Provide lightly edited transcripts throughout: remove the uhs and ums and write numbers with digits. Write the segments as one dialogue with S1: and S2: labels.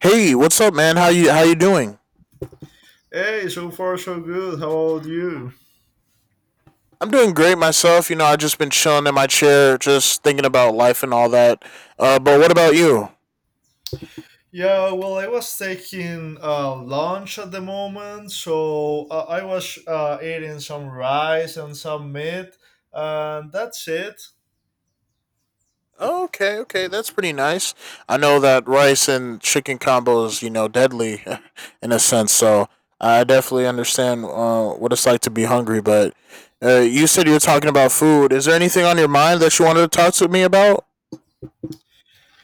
S1: Hey, what's up, man? How you doing?
S2: Hey, so far so good. How about you?
S1: I'm doing great myself. You know, I just been chilling in my chair, just thinking about life and all that. But what about you?
S2: Yeah, well, I was taking lunch at the moment, so I was eating some rice and some meat, and that's it.
S1: Oh, okay, okay, that's pretty nice. I know that rice and chicken combo is deadly, in a sense. So I definitely understand what it's like to be hungry. But you said you were talking about food. Is there anything on your mind that you wanted to talk to me about?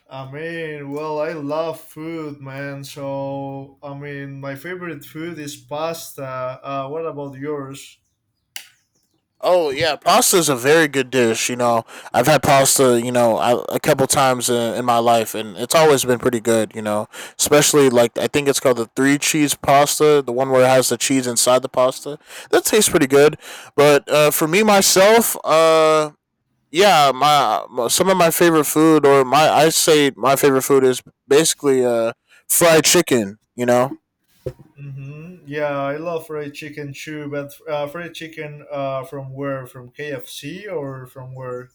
S2: I mean, well, I love food, man. So, I mean, my favorite food is pasta. What about yours?
S1: Oh yeah, pasta is a very good dish. You know, I've had pasta, you know, a couple times in my life, and it's always been pretty good. You know, especially like I think it's called the three cheese pasta, the one where it has the cheese inside the pasta. That tastes pretty good. But for me myself, yeah, some of my favorite food, or my I say my favorite food is basically fried chicken. You know.
S2: Mm-hmm. Yeah, I love fried chicken too, but fried chicken from where? From KFC or from where?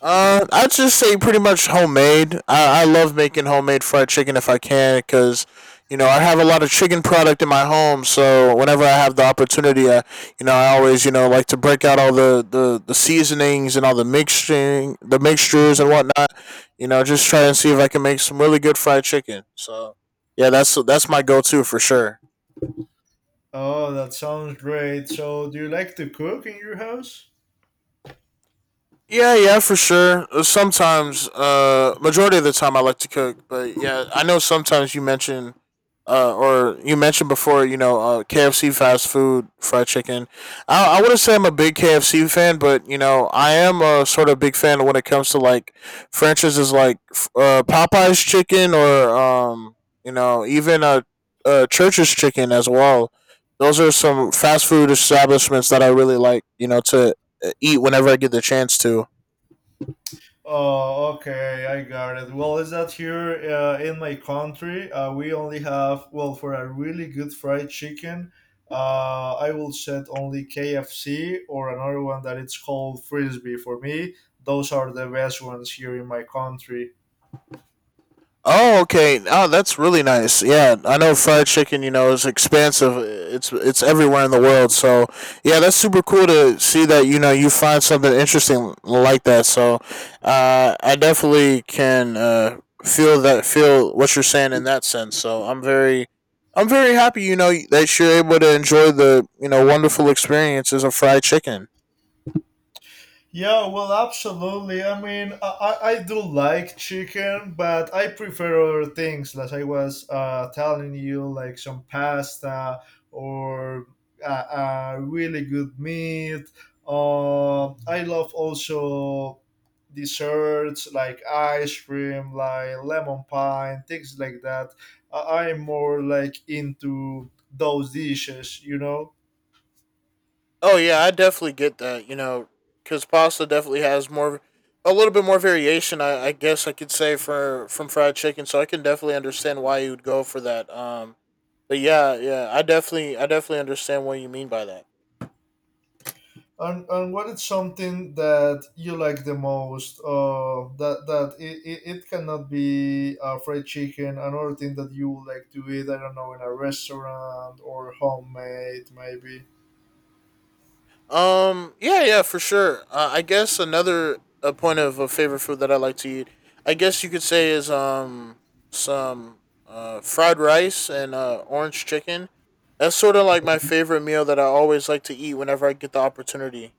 S1: I'd just say pretty much homemade. I love making homemade fried chicken if I can because, you know, I have a lot of chicken product in my home. So whenever I have the opportunity, I, you know, I always, you know, like to break out all the seasonings and all the mixing, the mixtures and whatnot. You know, just try and see if I can make some really good fried chicken. So yeah, that's my go-to for sure.
S2: Oh, that sounds great. So, do you like to cook in your house?
S1: Yeah, yeah, for sure. Sometimes, majority of the time, I like to cook, but yeah, I know sometimes you mentioned before, you know, KFC fast food fried chicken. I wouldn't say I'm a big KFC fan, but you know, I am a sort of big fan when it comes to like franchises like Popeye's chicken or you know, even Church's chicken as well. Those are some fast food establishments that I really like, you know, to eat whenever I get the chance to.
S2: Oh, okay, I got it. Well, is that here in my country? We only have, well, for a really good fried chicken, I will set only KFC or another one that it's called Frisbee. For me, those are the best ones here in my country.
S1: Oh, okay. Oh, that's really nice. Yeah, I know fried chicken. You know, is expansive. It's everywhere in the world. So yeah, that's super cool to see that you know you find something interesting like that. So I definitely can feel what you're saying in that sense. So I'm very happy. You know that you're able to enjoy the you know wonderful experiences of fried chicken.
S2: Yeah, well, absolutely. I mean, I do like chicken, but I prefer other things, as I was telling you, like some pasta or a really good meat. I love also desserts like ice cream, like lemon pie, and things like that. I'm more like into those dishes, you know?
S1: Oh yeah, I definitely get that. You know, because pasta definitely has a little bit more variation. I guess I could say for from fried chicken. So I can definitely understand why you would go for that. But yeah, yeah, I definitely understand what you mean by that.
S2: And what is something that you like the most? It cannot be fried chicken. Another thing that you would like to eat, I don't know, in a restaurant or homemade, maybe.
S1: Yeah, yeah, for sure. I guess another a point of a favorite food that I like to eat, I guess you could say, is some fried rice and orange chicken. That's sort of like my favorite meal that I always like to eat whenever I get the opportunity.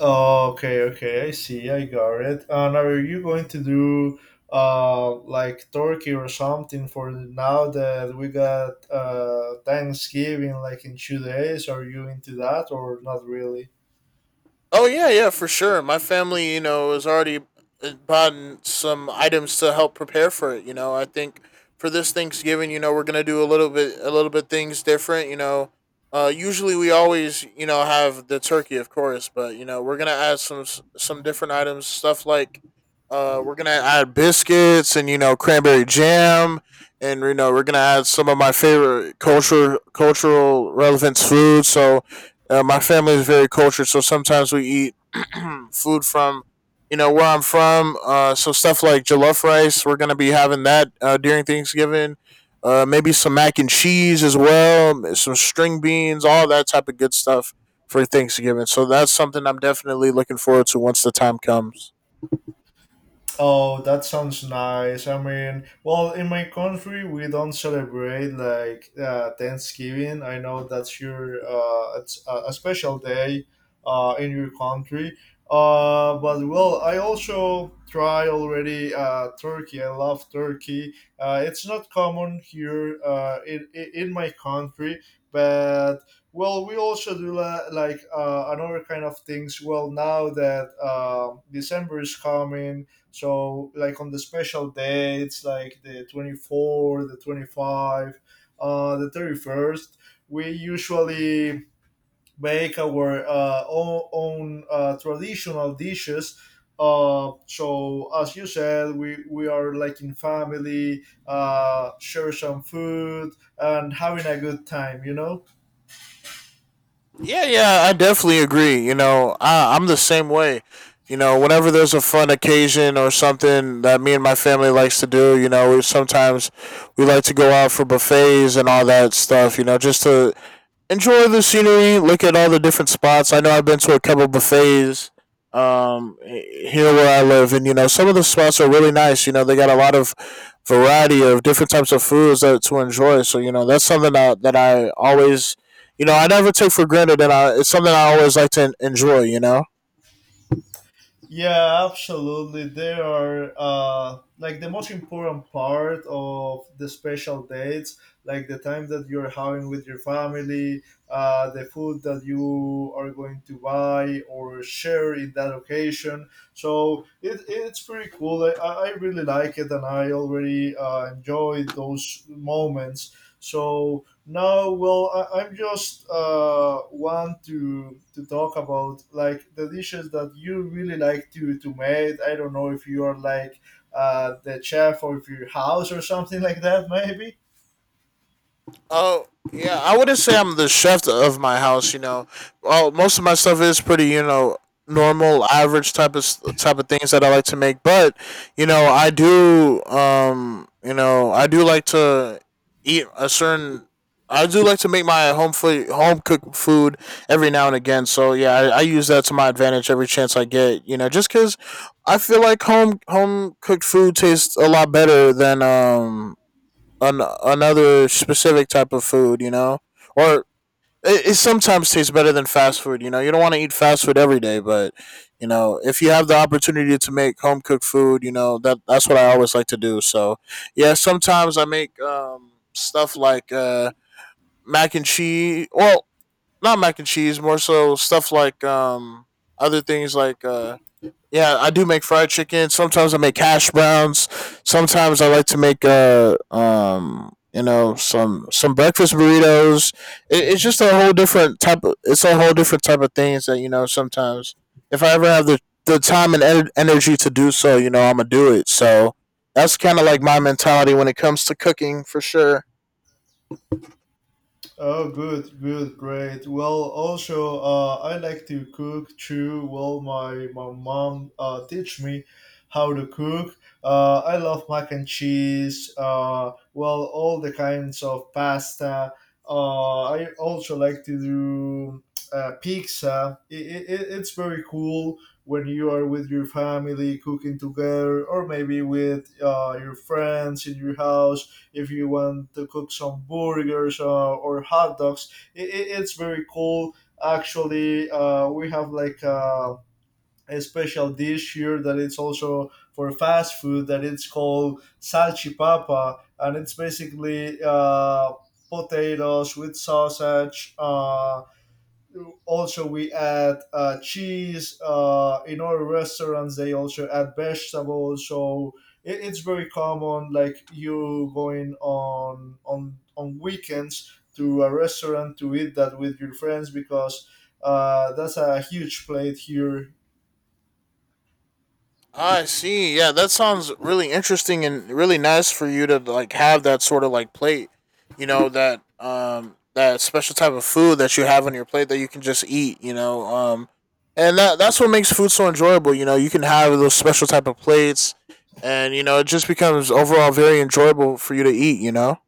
S2: Oh, okay, okay, I see, I got it. And are you going to do like turkey or something for now that we got Thanksgiving like in 2 days? Are you into that or not really?
S1: Oh yeah, yeah, for sure. My family, you know, has already bought some items to help prepare for it. You know, I think for this Thanksgiving, you know, we're gonna do a little bit things different. You know, usually we always, you know, have the turkey, of course, but you know, we're gonna add some different items, stuff like. We're gonna add biscuits and you know cranberry jam, and you know we're gonna add some of my favorite culture cultural relevance foods. So my family is very cultured, so sometimes we eat food from you know where I'm from. So stuff like jollof rice, we're gonna be having that during Thanksgiving. Maybe some mac and cheese as well, some string beans, all that type of good stuff for Thanksgiving. So that's something I'm definitely looking forward to once the time comes.
S2: Oh, that sounds nice. I mean, well, in my country, we don't celebrate like Thanksgiving. I know that's your it's a special day in your country. But well, I also try already turkey. I love turkey. It's not common here in my country, but well, we also do like another kind of things. Well, now that December is coming, so like on the special dates, like the 24, the 25, the 31st, we usually make our own traditional dishes. So as you said, we are like in family, share some food and having a good time, you know?
S1: Yeah, yeah, I definitely agree. You know, I'm the same way. You know, whenever there's a fun occasion or something that me and my family likes to do, you know, we like to go out for buffets and all that stuff. You know, just to enjoy the scenery, look at all the different spots. I know I've been to a couple buffets um here where I live and you know some of the spots are really nice. You know, they got a lot of variety of different types of foods that to enjoy. So, you know, that's something that I always you know, I never take for granted and I it's something I always like to enjoy, you know.
S2: Yeah, absolutely. They are like the most important part of the special dates, like the time that you're having with your family, the food that you are going to buy or share in that occasion. So it, it's pretty cool. I really like it and I already enjoy those moments. So no, well, I'm just want to talk about like the dishes that you really like to make. I don't know if you are like the chef of your house or something like that, maybe.
S1: Oh yeah, I wouldn't say I'm the chef of my house. You know, well, most of my stuff is pretty, you know, normal, average type of type of things that I like to make. But you know, I do, you know, I do like to eat a certain. I do like to make my home food, home cooked food every now and again. So yeah, I use that to my advantage every chance I get. You know, just because I feel like home cooked food tastes a lot better than another specific type of food, you know, or it sometimes tastes better than fast food. You know, you don't want to eat fast food every day, but you know, if you have the opportunity to make home cooked food, you know that that's what I always like to do. So yeah, sometimes I make stuff like mac and cheese. Well, not mac and cheese, more so stuff like other things like. Yeah, I do make fried chicken. Sometimes I make hash browns. Sometimes I like to make you know some breakfast burritos. It's
S2: Mhm.
S1: just a whole different type of it's a whole different type of things that you know sometimes if I ever have the time and energy to do so, you know I'm gonna do it. So that's kind of like my mentality when it comes to cooking for sure.
S2: Oh, good, good, great. Well, also, I like to cook too. Well, my mom teach me how to cook. I love mac and cheese. Well, all the kinds of pasta. I also like to do pizza. It's very cool when you are with your family cooking together, or maybe with your friends in your house if you want to cook some burgers or hot dogs. It's very cool. Actually, we have like a special dish here that it's also for fast food that it's called salchipapa, and it's basically potatoes with sausage. Also we add cheese in our restaurants they also add vegetables, so it's very common like you going on weekends to a restaurant to eat that with your friends because that's a huge plate here.
S1: I see. Yeah, that sounds really interesting and really nice for you to like have that sort of like plate, you know, that that special type of food that you have on your plate that you can just eat, you know. And that's what makes food so enjoyable, you know. You can have those special type of plates and you know, it just becomes overall very enjoyable for you to eat, you know.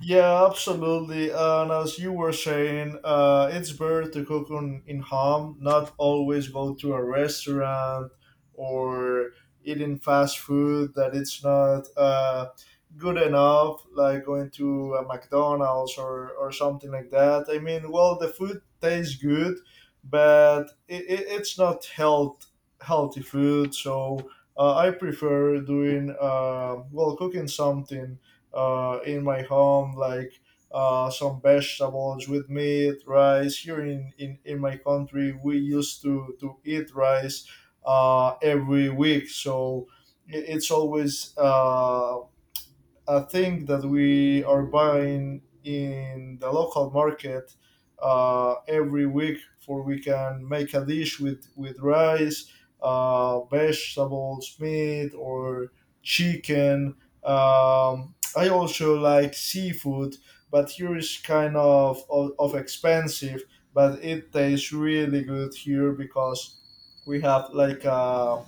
S2: Yeah, absolutely. And as you were saying, it's better to cook in home, not always go to a restaurant or eating fast food that it's not good enough, like going to a McDonald's, or something like that. I mean, well, the food tastes good, but it's not healthy food. So I prefer doing, well, cooking something in my home, like some vegetables with meat, rice. Here in my country, we used to eat rice every week. So it's always a thing that we are buying in the local market every week for we can make a dish with rice, vegetables, meat, or chicken. Um, I also like seafood, but here is kind of expensive, but it tastes really good here because we have like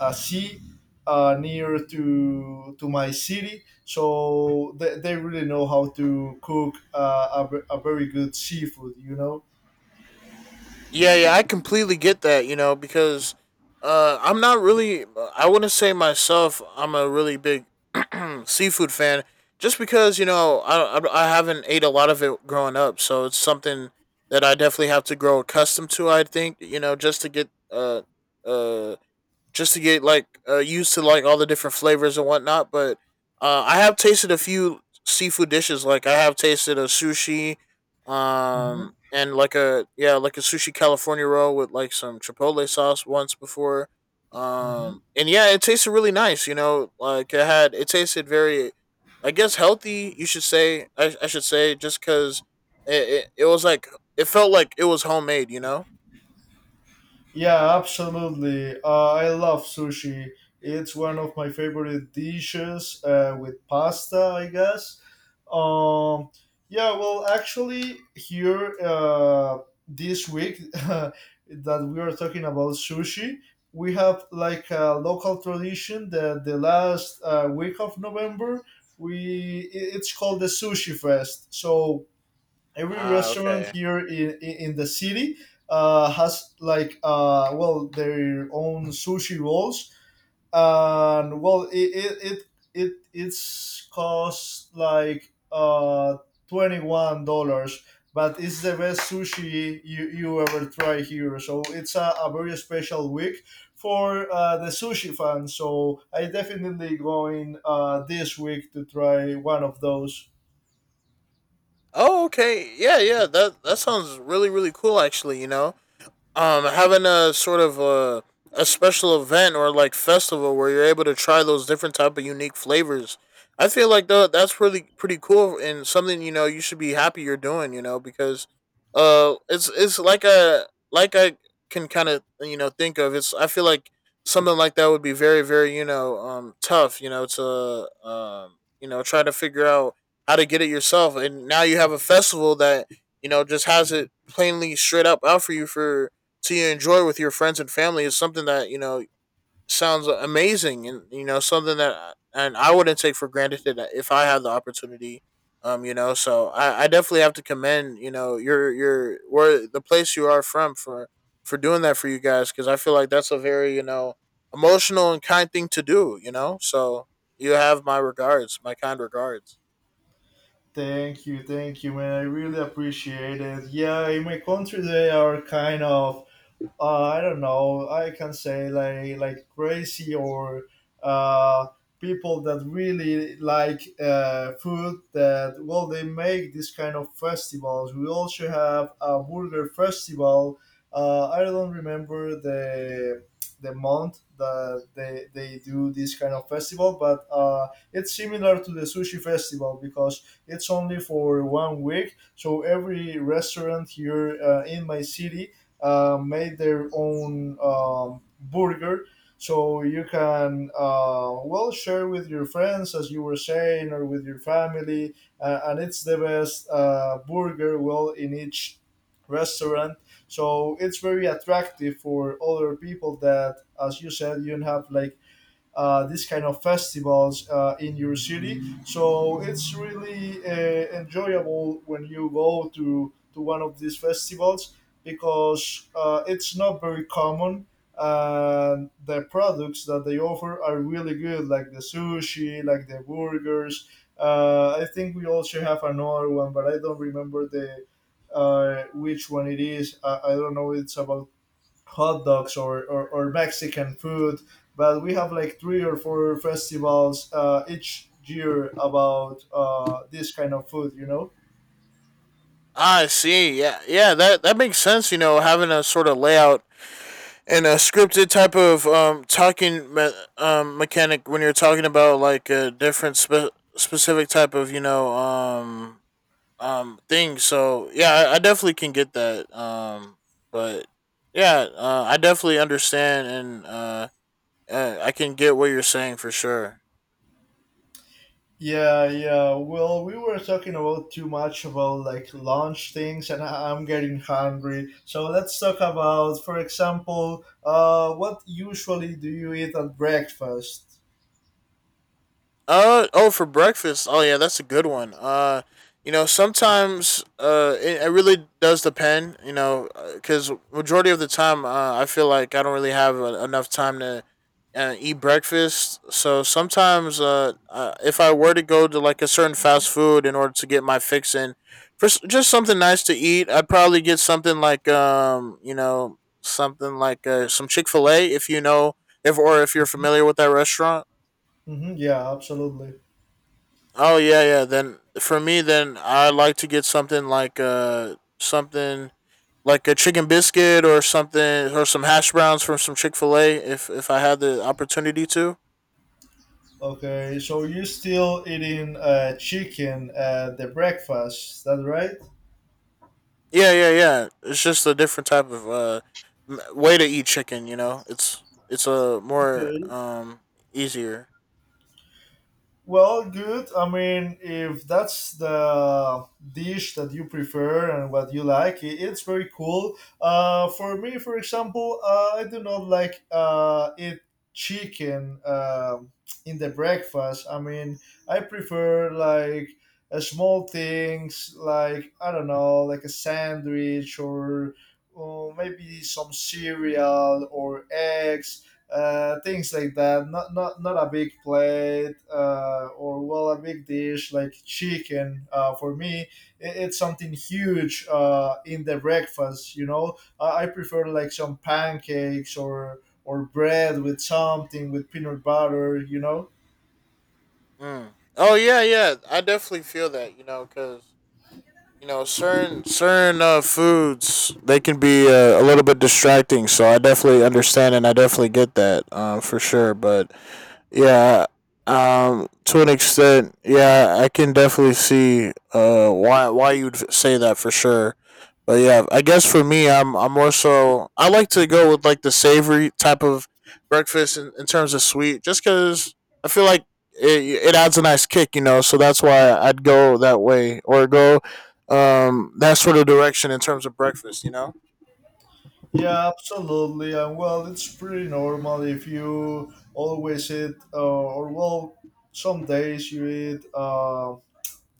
S2: a sea near to my city, so they really know how to cook a very good seafood. You know.
S1: Yeah, yeah, I completely get that, you know, because I'm not really, I wouldn't say myself, I'm a really big seafood fan, just because, you know, I haven't ate a lot of it growing up. So it's something that I definitely have to grow accustomed to, I think, you know, uh, just to get like used to like all the different flavors and whatnot. But I have tasted a few seafood dishes. Like I have tasted a sushi,
S2: Mhm.
S1: and like a yeah, like a sushi California roll with like some chipotle sauce once before.
S2: Hmm.
S1: And yeah, it tasted really nice. You know, like it tasted very, I guess healthy. You should say I should say just because it, it was like it felt like it was homemade. You know.
S2: Yeah, absolutely. I love sushi. It's one of my favorite dishes with pasta, I guess. Um, yeah, well, actually, here this week that we are talking about sushi, we have like a local tradition that the last week of November, it's called the Sushi Fest. So every
S1: Ah,
S2: restaurant
S1: okay.
S2: here in the city has like well, their own sushi rolls, and well it, it, it's cost like $21, but it's the best sushi you, you ever try here, so it's a very special week for the sushi fans, so I definitely going this week to try one of those.
S1: Oh, okay. Yeah, yeah. That sounds really really cool. Actually, you know, having a sort of a special event or like festival where you're able to try those different type of unique flavors. I feel like though that's really pretty cool and something you know you should be happy you're doing, you know, because it's like a like I can kind of you know think of it's I feel like something like that would be very very you know tough, you know, to you know try to figure out how to get it yourself and now you have a festival that you know just has it plainly straight up out for you for to enjoy with your friends and family is something that you know sounds amazing and you know something that and I wouldn't take for granted that if I had the opportunity. You know, so I definitely have to commend you know your where the place you are from for doing that for you guys because I feel like that's a very you know emotional and kind thing to do. You know, so you have my regards, my kind regards.
S2: Thank you, man. I really appreciate it. Yeah, in my country they are kind of, I don't know, I can say like crazy or uh, people that really like food. That well, they make this kind of festivals. We also have a burger festival. I don't remember the month that they do this kind of festival, but it's similar to the sushi festival because it's only for 1 week. So every restaurant here in my city made their own burger. So you can well, share with your friends, as you were saying, or with your family, and it's the best burger well in each restaurant. So it's very attractive for other people that, as you said, you don't have like this kind of festivals in your city. So it's really enjoyable when you go to one of these festivals because it's not very common. And the products that they offer are really good, like the sushi, like the burgers. I think we also have another one, but I don't remember the which one it is. I don't know. It's about hot dogs, or, Mexican food. But we have like three or four festivals each year about this kind of food, you know?
S1: I see. Yeah, yeah. That makes sense. Having a sort of layout and a scripted type of mechanic when you're talking about like a different specific type of thing. So yeah, I definitely can get that. But yeah, I definitely understand and I can get what you're saying for sure.
S2: Yeah, yeah. Well, we were talking about too much about like lunch things, and I'm getting hungry. So let's talk about, for example, what usually do you eat at breakfast?
S1: Oh, for breakfast. Oh yeah, that's a good one. You know, sometimes it really does depend. You know, because majority of the time, I feel like I don't really have enough time to eat breakfast. So sometimes, if I were to go to like a certain fast food in order to get my fix in, for just something nice to eat, I'd probably get something like some Chick Fil A if you know if or if you're familiar with that restaurant.
S2: Hmm, yeah, absolutely.
S1: Oh yeah, yeah. Then for me, then I like to get something like a chicken biscuit or something or some hash browns from some Chick Fil A if I had the opportunity to.
S2: Okay, so you're still eating chicken at the breakfast, that right?
S1: Yeah, yeah, yeah. It's just a different type of way to eat chicken. You know, it's a more
S2: Okay.
S1: easier.
S2: Well, good. I mean, if that's the dish that you prefer and what you like, it's very cool. For me, for example, I do not like eat chicken in the breakfast. I mean, I prefer like small things, like I don't know, like a sandwich, or maybe some cereal or eggs, things like that. Not a big plate or, well, a big dish like chicken. For me, it's something huge in the breakfast. You know, I prefer like some pancakes, or bread with something with peanut butter. You know.
S1: Mm. Oh yeah, yeah. I definitely feel that. You know, because you know certain foods they can be a little bit distracting, so I definitely understand and I definitely get that for sure, but yeah, to an extent, yeah, I can definitely see why you'd say that for sure. But yeah, I guess for me, I'm more so I like to go with like the savory type of breakfast in terms of sweet, just because I feel like it adds a nice kick, you know. So that's why I'd go that way or go that sort of direction in terms of breakfast, you know.
S2: Yeah, absolutely. And well, it's pretty normal if you always eat, or well, some days you eat.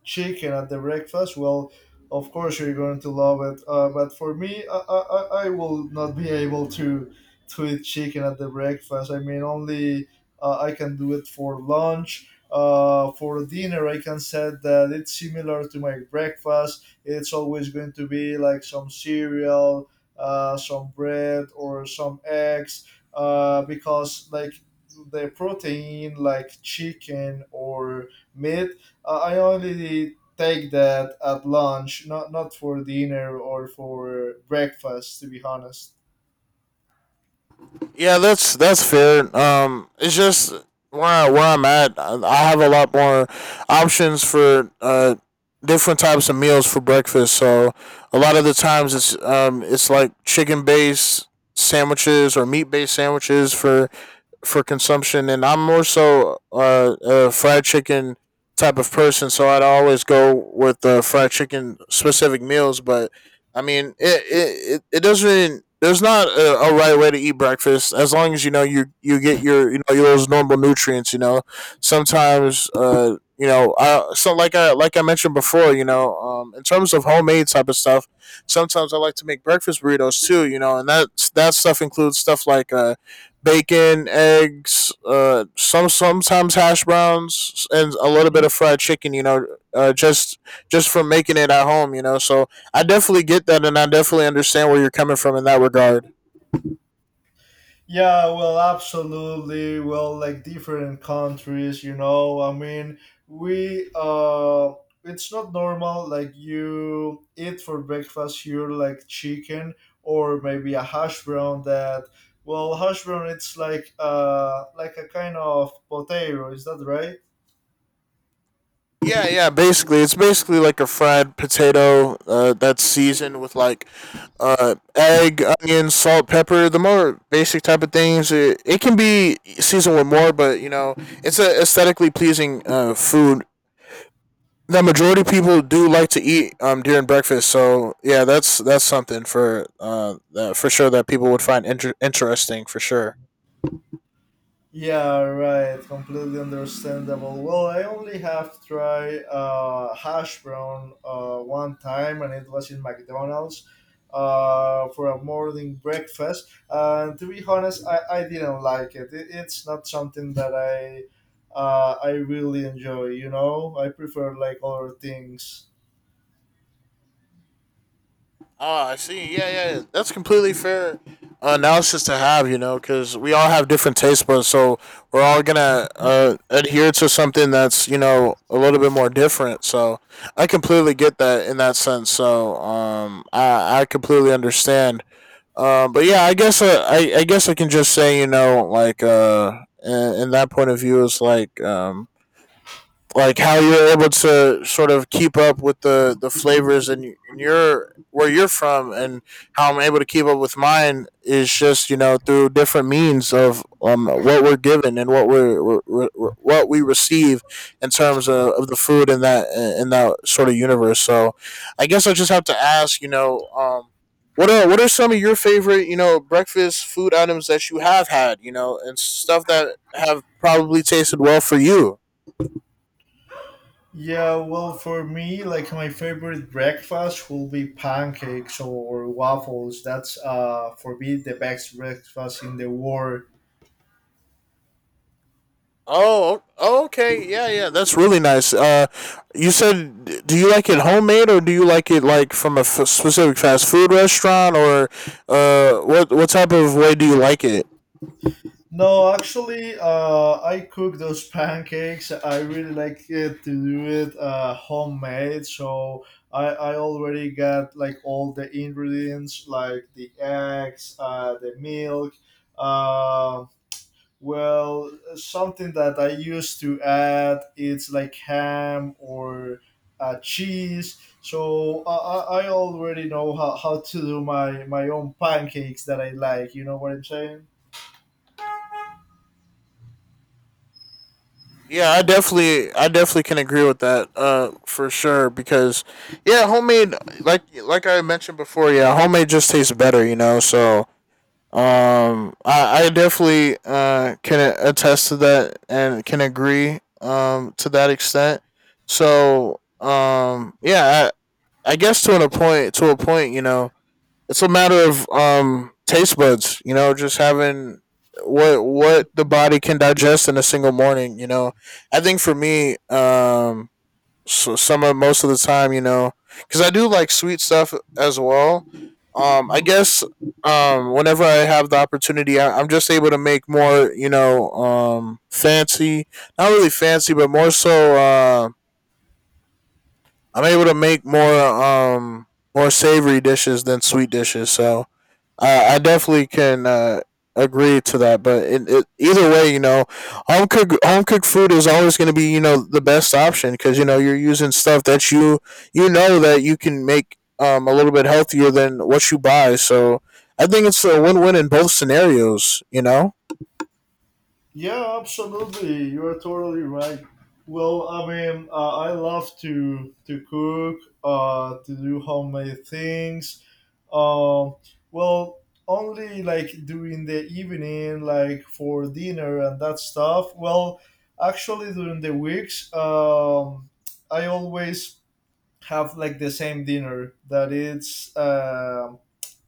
S2: Chicken at the breakfast, well, of course you're going to love it. But for me, I will not be able to eat chicken at the breakfast. I mean, only I can do it for lunch. For dinner, I can say that it's similar to my breakfast. It's always going to be like some cereal, some bread, or some eggs, because like the protein, like chicken or meat, I only take that at lunch, not for dinner or for breakfast, to be honest.
S1: Yeah, that's fair. It's just where I'm at. I have a lot more options for different types of meals for breakfast. So a lot of the times it's like chicken based sandwiches or meat based sandwiches for consumption, and I'm more so a fried chicken type of person, so I'd always go with the fried chicken specific meals. But I mean, it doesn't. Really, There's not a right way to eat breakfast as long as you know you get your you know those normal nutrients. You know, sometimes you know I so like I mentioned before. You know, in terms of homemade type of stuff, sometimes I like to make breakfast burritos too. You know, and that stuff includes stuff like bacon, eggs, sometimes hash browns, and a little bit of fried chicken. You know, uh, just just from making it at home. You know, so I definitely get that, and I definitely understand where you're coming from in that regard.
S2: Yeah, well, absolutely. Well, like different countries, you know. I mean, we it's not normal. Like you eat for breakfast here, like chicken, or maybe a hash brown. That well, hash brown. It's like a kind of potato. Is that right?
S1: Yeah, yeah. It's basically like a fried potato that's seasoned with like egg, onion, salt, pepper. The more basic type of things. It can be seasoned with more, but you know, it's a aesthetically pleasing food that majority of people do like to eat during breakfast. So yeah, that's something for sure that people would find interesting for sure.
S2: Yeah, right. Completely understandable. Well, I only have tried hash brown one time, and it was in McDonald's for a morning breakfast. And to be honest, I didn't like it. It's not something that I really enjoy. You know, I prefer like other things.
S1: Ah, I see. Yeah, yeah, that's completely fair analysis to have, you know, because we all have different taste buds, so we're all gonna adhere to something that's you know a little bit more different. So I completely get that in that sense. So I completely understand. But yeah, I guess I can just say you know like in that point of view is like how you're able to sort of keep up with the flavors and your where you're from, and how I'm able to keep up with mine is just you know through different means of what we're given and what we receive in of the food in that sort of universe. So I guess I just have to ask, you know, what are some of your favorite, you know, breakfast food items that you have had, you know, and stuff that have probably tasted well for you?
S2: Yeah, well, for me, like my favorite breakfast will be pancakes or waffles. That's for me the best breakfast in the world.
S1: Oh, oh, okay. Yeah, yeah. That's really nice. You said, do you like it homemade or do you like it like from a specific fast food restaurant, or what type of way do you like it?
S2: No, actually, I cook those pancakes. I really like it to do it homemade. So I already got like all the ingredients, like the eggs, the milk, um Well, something that I used to add it's like ham or cheese. So I already know how to do my own pancakes that I like. You know what I'm saying?
S1: Yeah, I definitely can agree with that. For sure, because yeah, homemade, like I mentioned before. Yeah, homemade just tastes better. You know, so I definitely can attest to that and can agree to that extent. So yeah, I guess to a point, you know, it's a matter of taste buds. You know, just having what the body can digest in a single morning. You know, I think for me, so some of most of the time, you know, because I do like sweet stuff as well. I
S2: Mhm.
S1: guess whenever I have the opportunity, I'm just able to make more, you know, fancy, not really fancy, but more so, I'm able to make more, more savory dishes than sweet dishes. So I definitely can agree to that, but either way, you know, home cooked food is always going to be you know the best option because you know you're using stuff that you know that you can make a little bit healthier than what you buy. So I think it's a win win in both scenarios. You know.
S2: Yeah, absolutely. You are totally right. Well, I mean, I love to cook, to do homemade things. Uh, well, only like during the evening, like for dinner and that stuff. Well, actually, during the weeks, I always have like the same dinner that it's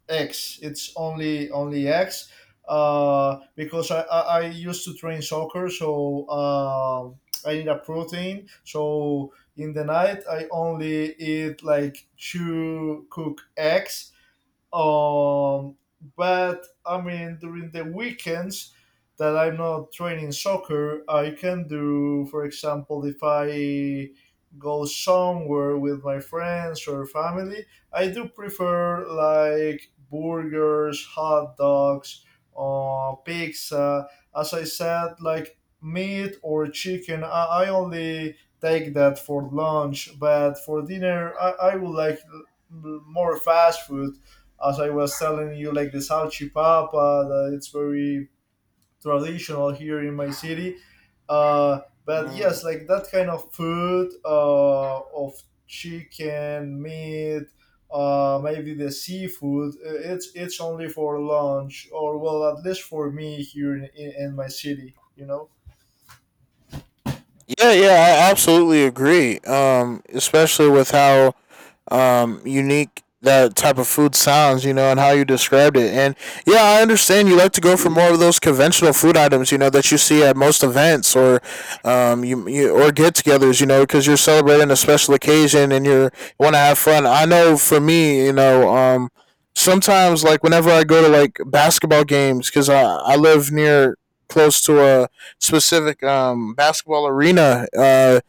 S2: eggs. It's only eggs. Because I used to train soccer, so I need a protein. So in the night, I only eat like two cooked eggs um, but I mean, during the weekends that I'm not training soccer, I can do, for example, if I go somewhere with my friends or family, I do prefer like burgers, hot dogs, pizza. As I said, like meat or chicken, I only take that for lunch, but for dinner, I would like more fast food as I was telling you, like the salchipapa, that it's very traditional here in my city. But yes, like that kind of food of chicken, meat, maybe the seafood. It's only for lunch, or well, at least for me here in, in my city. You know.
S1: Yeah, yeah, I absolutely agree. Especially with how unique that type of food sounds, you know, and how you described it. And yeah, I understand you like to go for more of those conventional food items, you know, that you see at most events or you or get-togethers, you know, because you're celebrating a special occasion and you want to have fun. I know for me, you know, sometimes like whenever I go to like basketball games, because I live near close to a specific basketball arena.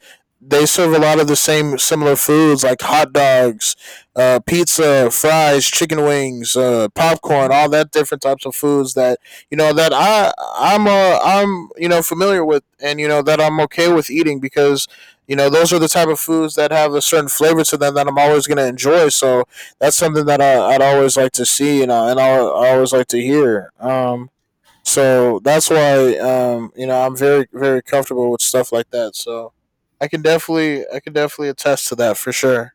S1: They serve a lot of the same similar foods like hot dogs, pizza, fries, chicken wings, popcorn, all that different types of foods that you know that I'm you know familiar with and you know that I'm okay with eating because you know those are the type of foods that have a certain flavor to them that I'm always gonna enjoy. So that's something that I'd always like to see, and I always like to hear. So that's why you know I'm very very comfortable with stuff like that. So I can definitely attest to that for sure.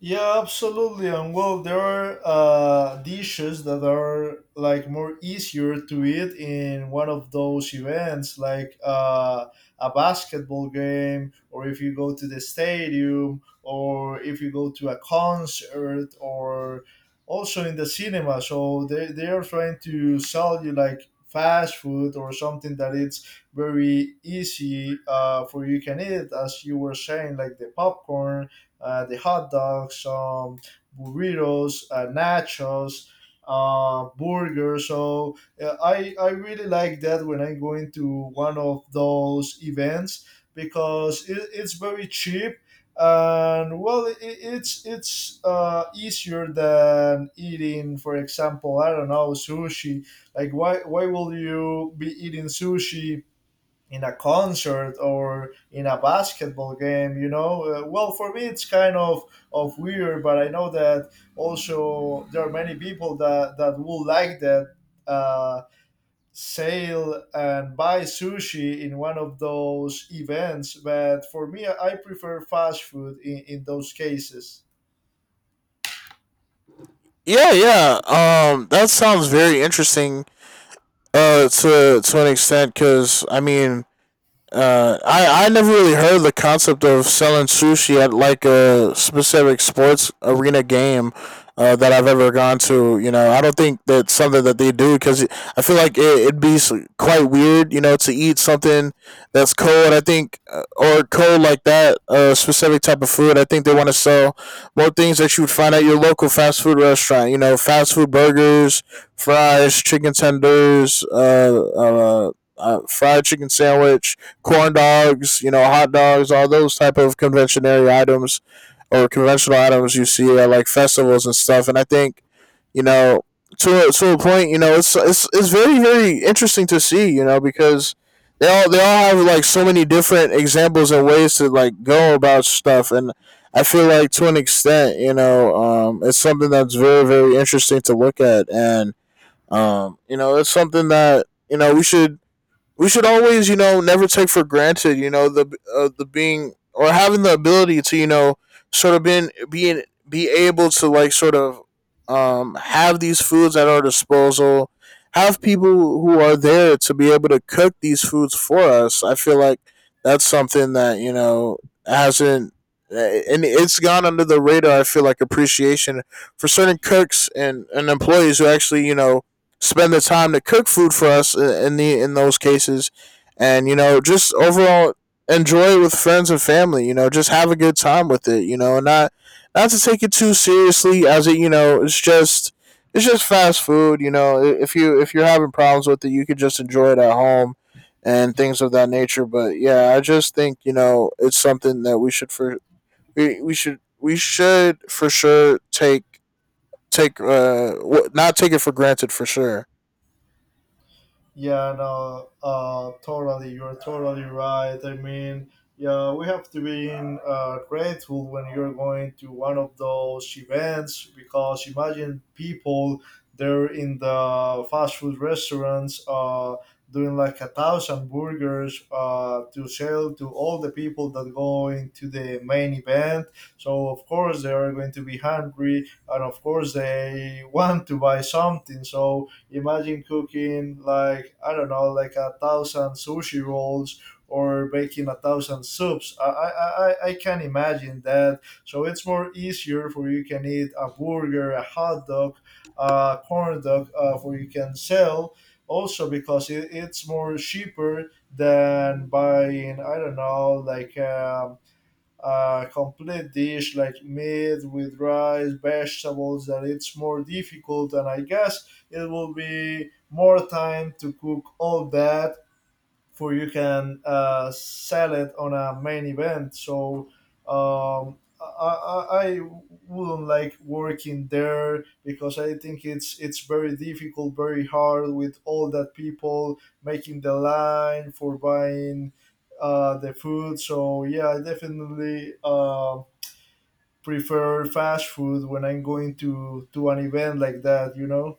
S2: Yeah, absolutely. And well, there are dishes that are like more easier to eat in one of those events, like a basketball game, or if you go to the stadium, or if you go to a concert, or also in the cinema. So they are trying to sell you like fast food or something that it's very easy for you can eat, as you were saying, like the popcorn the hot dogs, burritos, nachos, burgers. So I really like that when I'm going to one of those events because it's very cheap and well it's easier than eating, for example, I don't know, sushi. Like why will you be eating sushi in a concert or in a basketball game? You know, well, for me it's kind of weird, but I know that also there are many people that would like that, uh, sail and buy sushi in one of those events, but for me I prefer fast food in those cases.
S1: Yeah, yeah. That sounds very interesting. To an extent, because I mean, I never really heard the concept of selling sushi at like a specific sports arena game that I've ever gone to. You know, I don't think that's something that they do because I feel like it'd be quite weird. You know, to eat something that's cold. I think or cold like that, specific type of food. I think they want to sell more things that you would find at your local fast food restaurant. You know, fast food burgers, fries, chicken tenders, uh, fried chicken sandwich, corn dogs, you know, hot dogs, all those type of conventionary items or conventional items you see at like festivals and stuff. And I think, you know, to a point, you know, it's very very interesting to see, you know, because they all have like so many different examples and ways to like go about stuff, and I feel like to an extent, you know, it's something that's very very interesting to look at, and you know, it's something that you know we should always, you know, never take for granted, you know, the being or having the ability to, you know, sort of been being be able to like sort of have these foods at our disposal, have people who are there to be able to cook these foods for us. I feel like that's something that, you know, hasn't and it's gone under the radar. I feel like appreciation for certain cooks and, employees who actually, you know, spend the time to cook food for us in those cases, and you know just overall enjoy it with friends and family. You know, just have a good time with it. You know, and not not to take it too seriously as it you know it's just fast food. You know, if you if you're having problems with it, you could just enjoy it at home and things of that nature. But yeah, I just think you know it's something that we should for sure take take not take it for granted for sure.
S2: Yeah, no, totally. You're totally right. I mean, yeah, we have to be grateful when you're going to one of those events, because imagine people, they're in the fast food restaurants doing like a thousand burgers to sell to all the people that go into the main event. So, of course, they are going to be hungry and, of course, they want to buy something. So, imagine cooking, like I don't know, like a thousand sushi rolls or making a thousand soups. I can imagine that. So it's more easier for you can eat a burger, a hot dog, a corn dog, for you can sell. Also, because it, it's more cheaper than buying, I don't know, like a complete dish like meat with rice, vegetables, and it's more difficult. And I guess it will be more time to cook all that for you can sell it on a main event. So I wouldn't like working there because I think it's very difficult, very hard, with all that people making the line for buying the food. So yeah, I definitely. Prefer fast food when I'm going to an event like that, you know.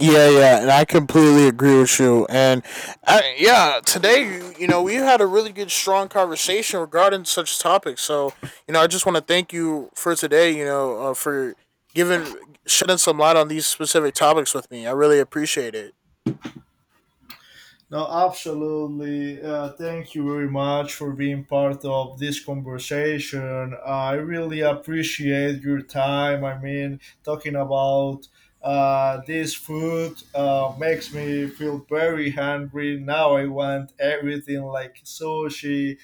S1: Yeah, yeah, and I completely agree with you. And I, yeah, today, you know, we had a really good, strong conversation regarding such topics. So, you know, I just want to thank you for today. You know, for giving shedding some light on these specific topics with me. I really appreciate it.
S2: No, absolutely. Thank you very much for being part of this conversation. I really appreciate your time. I mean, talking about this food makes me feel very hungry. Now I want everything, like sushi,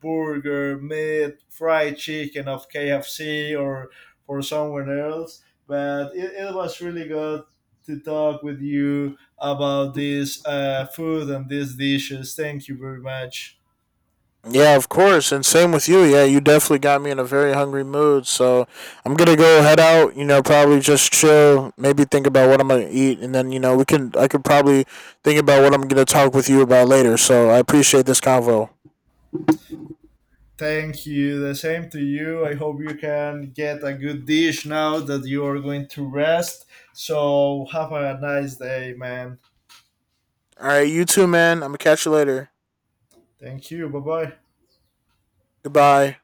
S2: burger, meat, fried chicken of KFC or for someone else. But it was really good to talk with you about this food and these dishes. Thank you very much.
S1: Yeah, of course. And same with you. Yeah, you definitely got me in a very hungry mood. So I'm going to go head out, you know, probably just chill, maybe think about what I'm going to eat. And then, you know, I could probably think about what I'm going to talk with you about later. So I appreciate this convo.
S2: Thank you. The same to you. I hope you can get a good dish now that you are going to rest. So have a nice day, man.
S1: All right, you too, man. I'm going to catch you later.
S2: Thank you. Bye bye.
S1: Goodbye.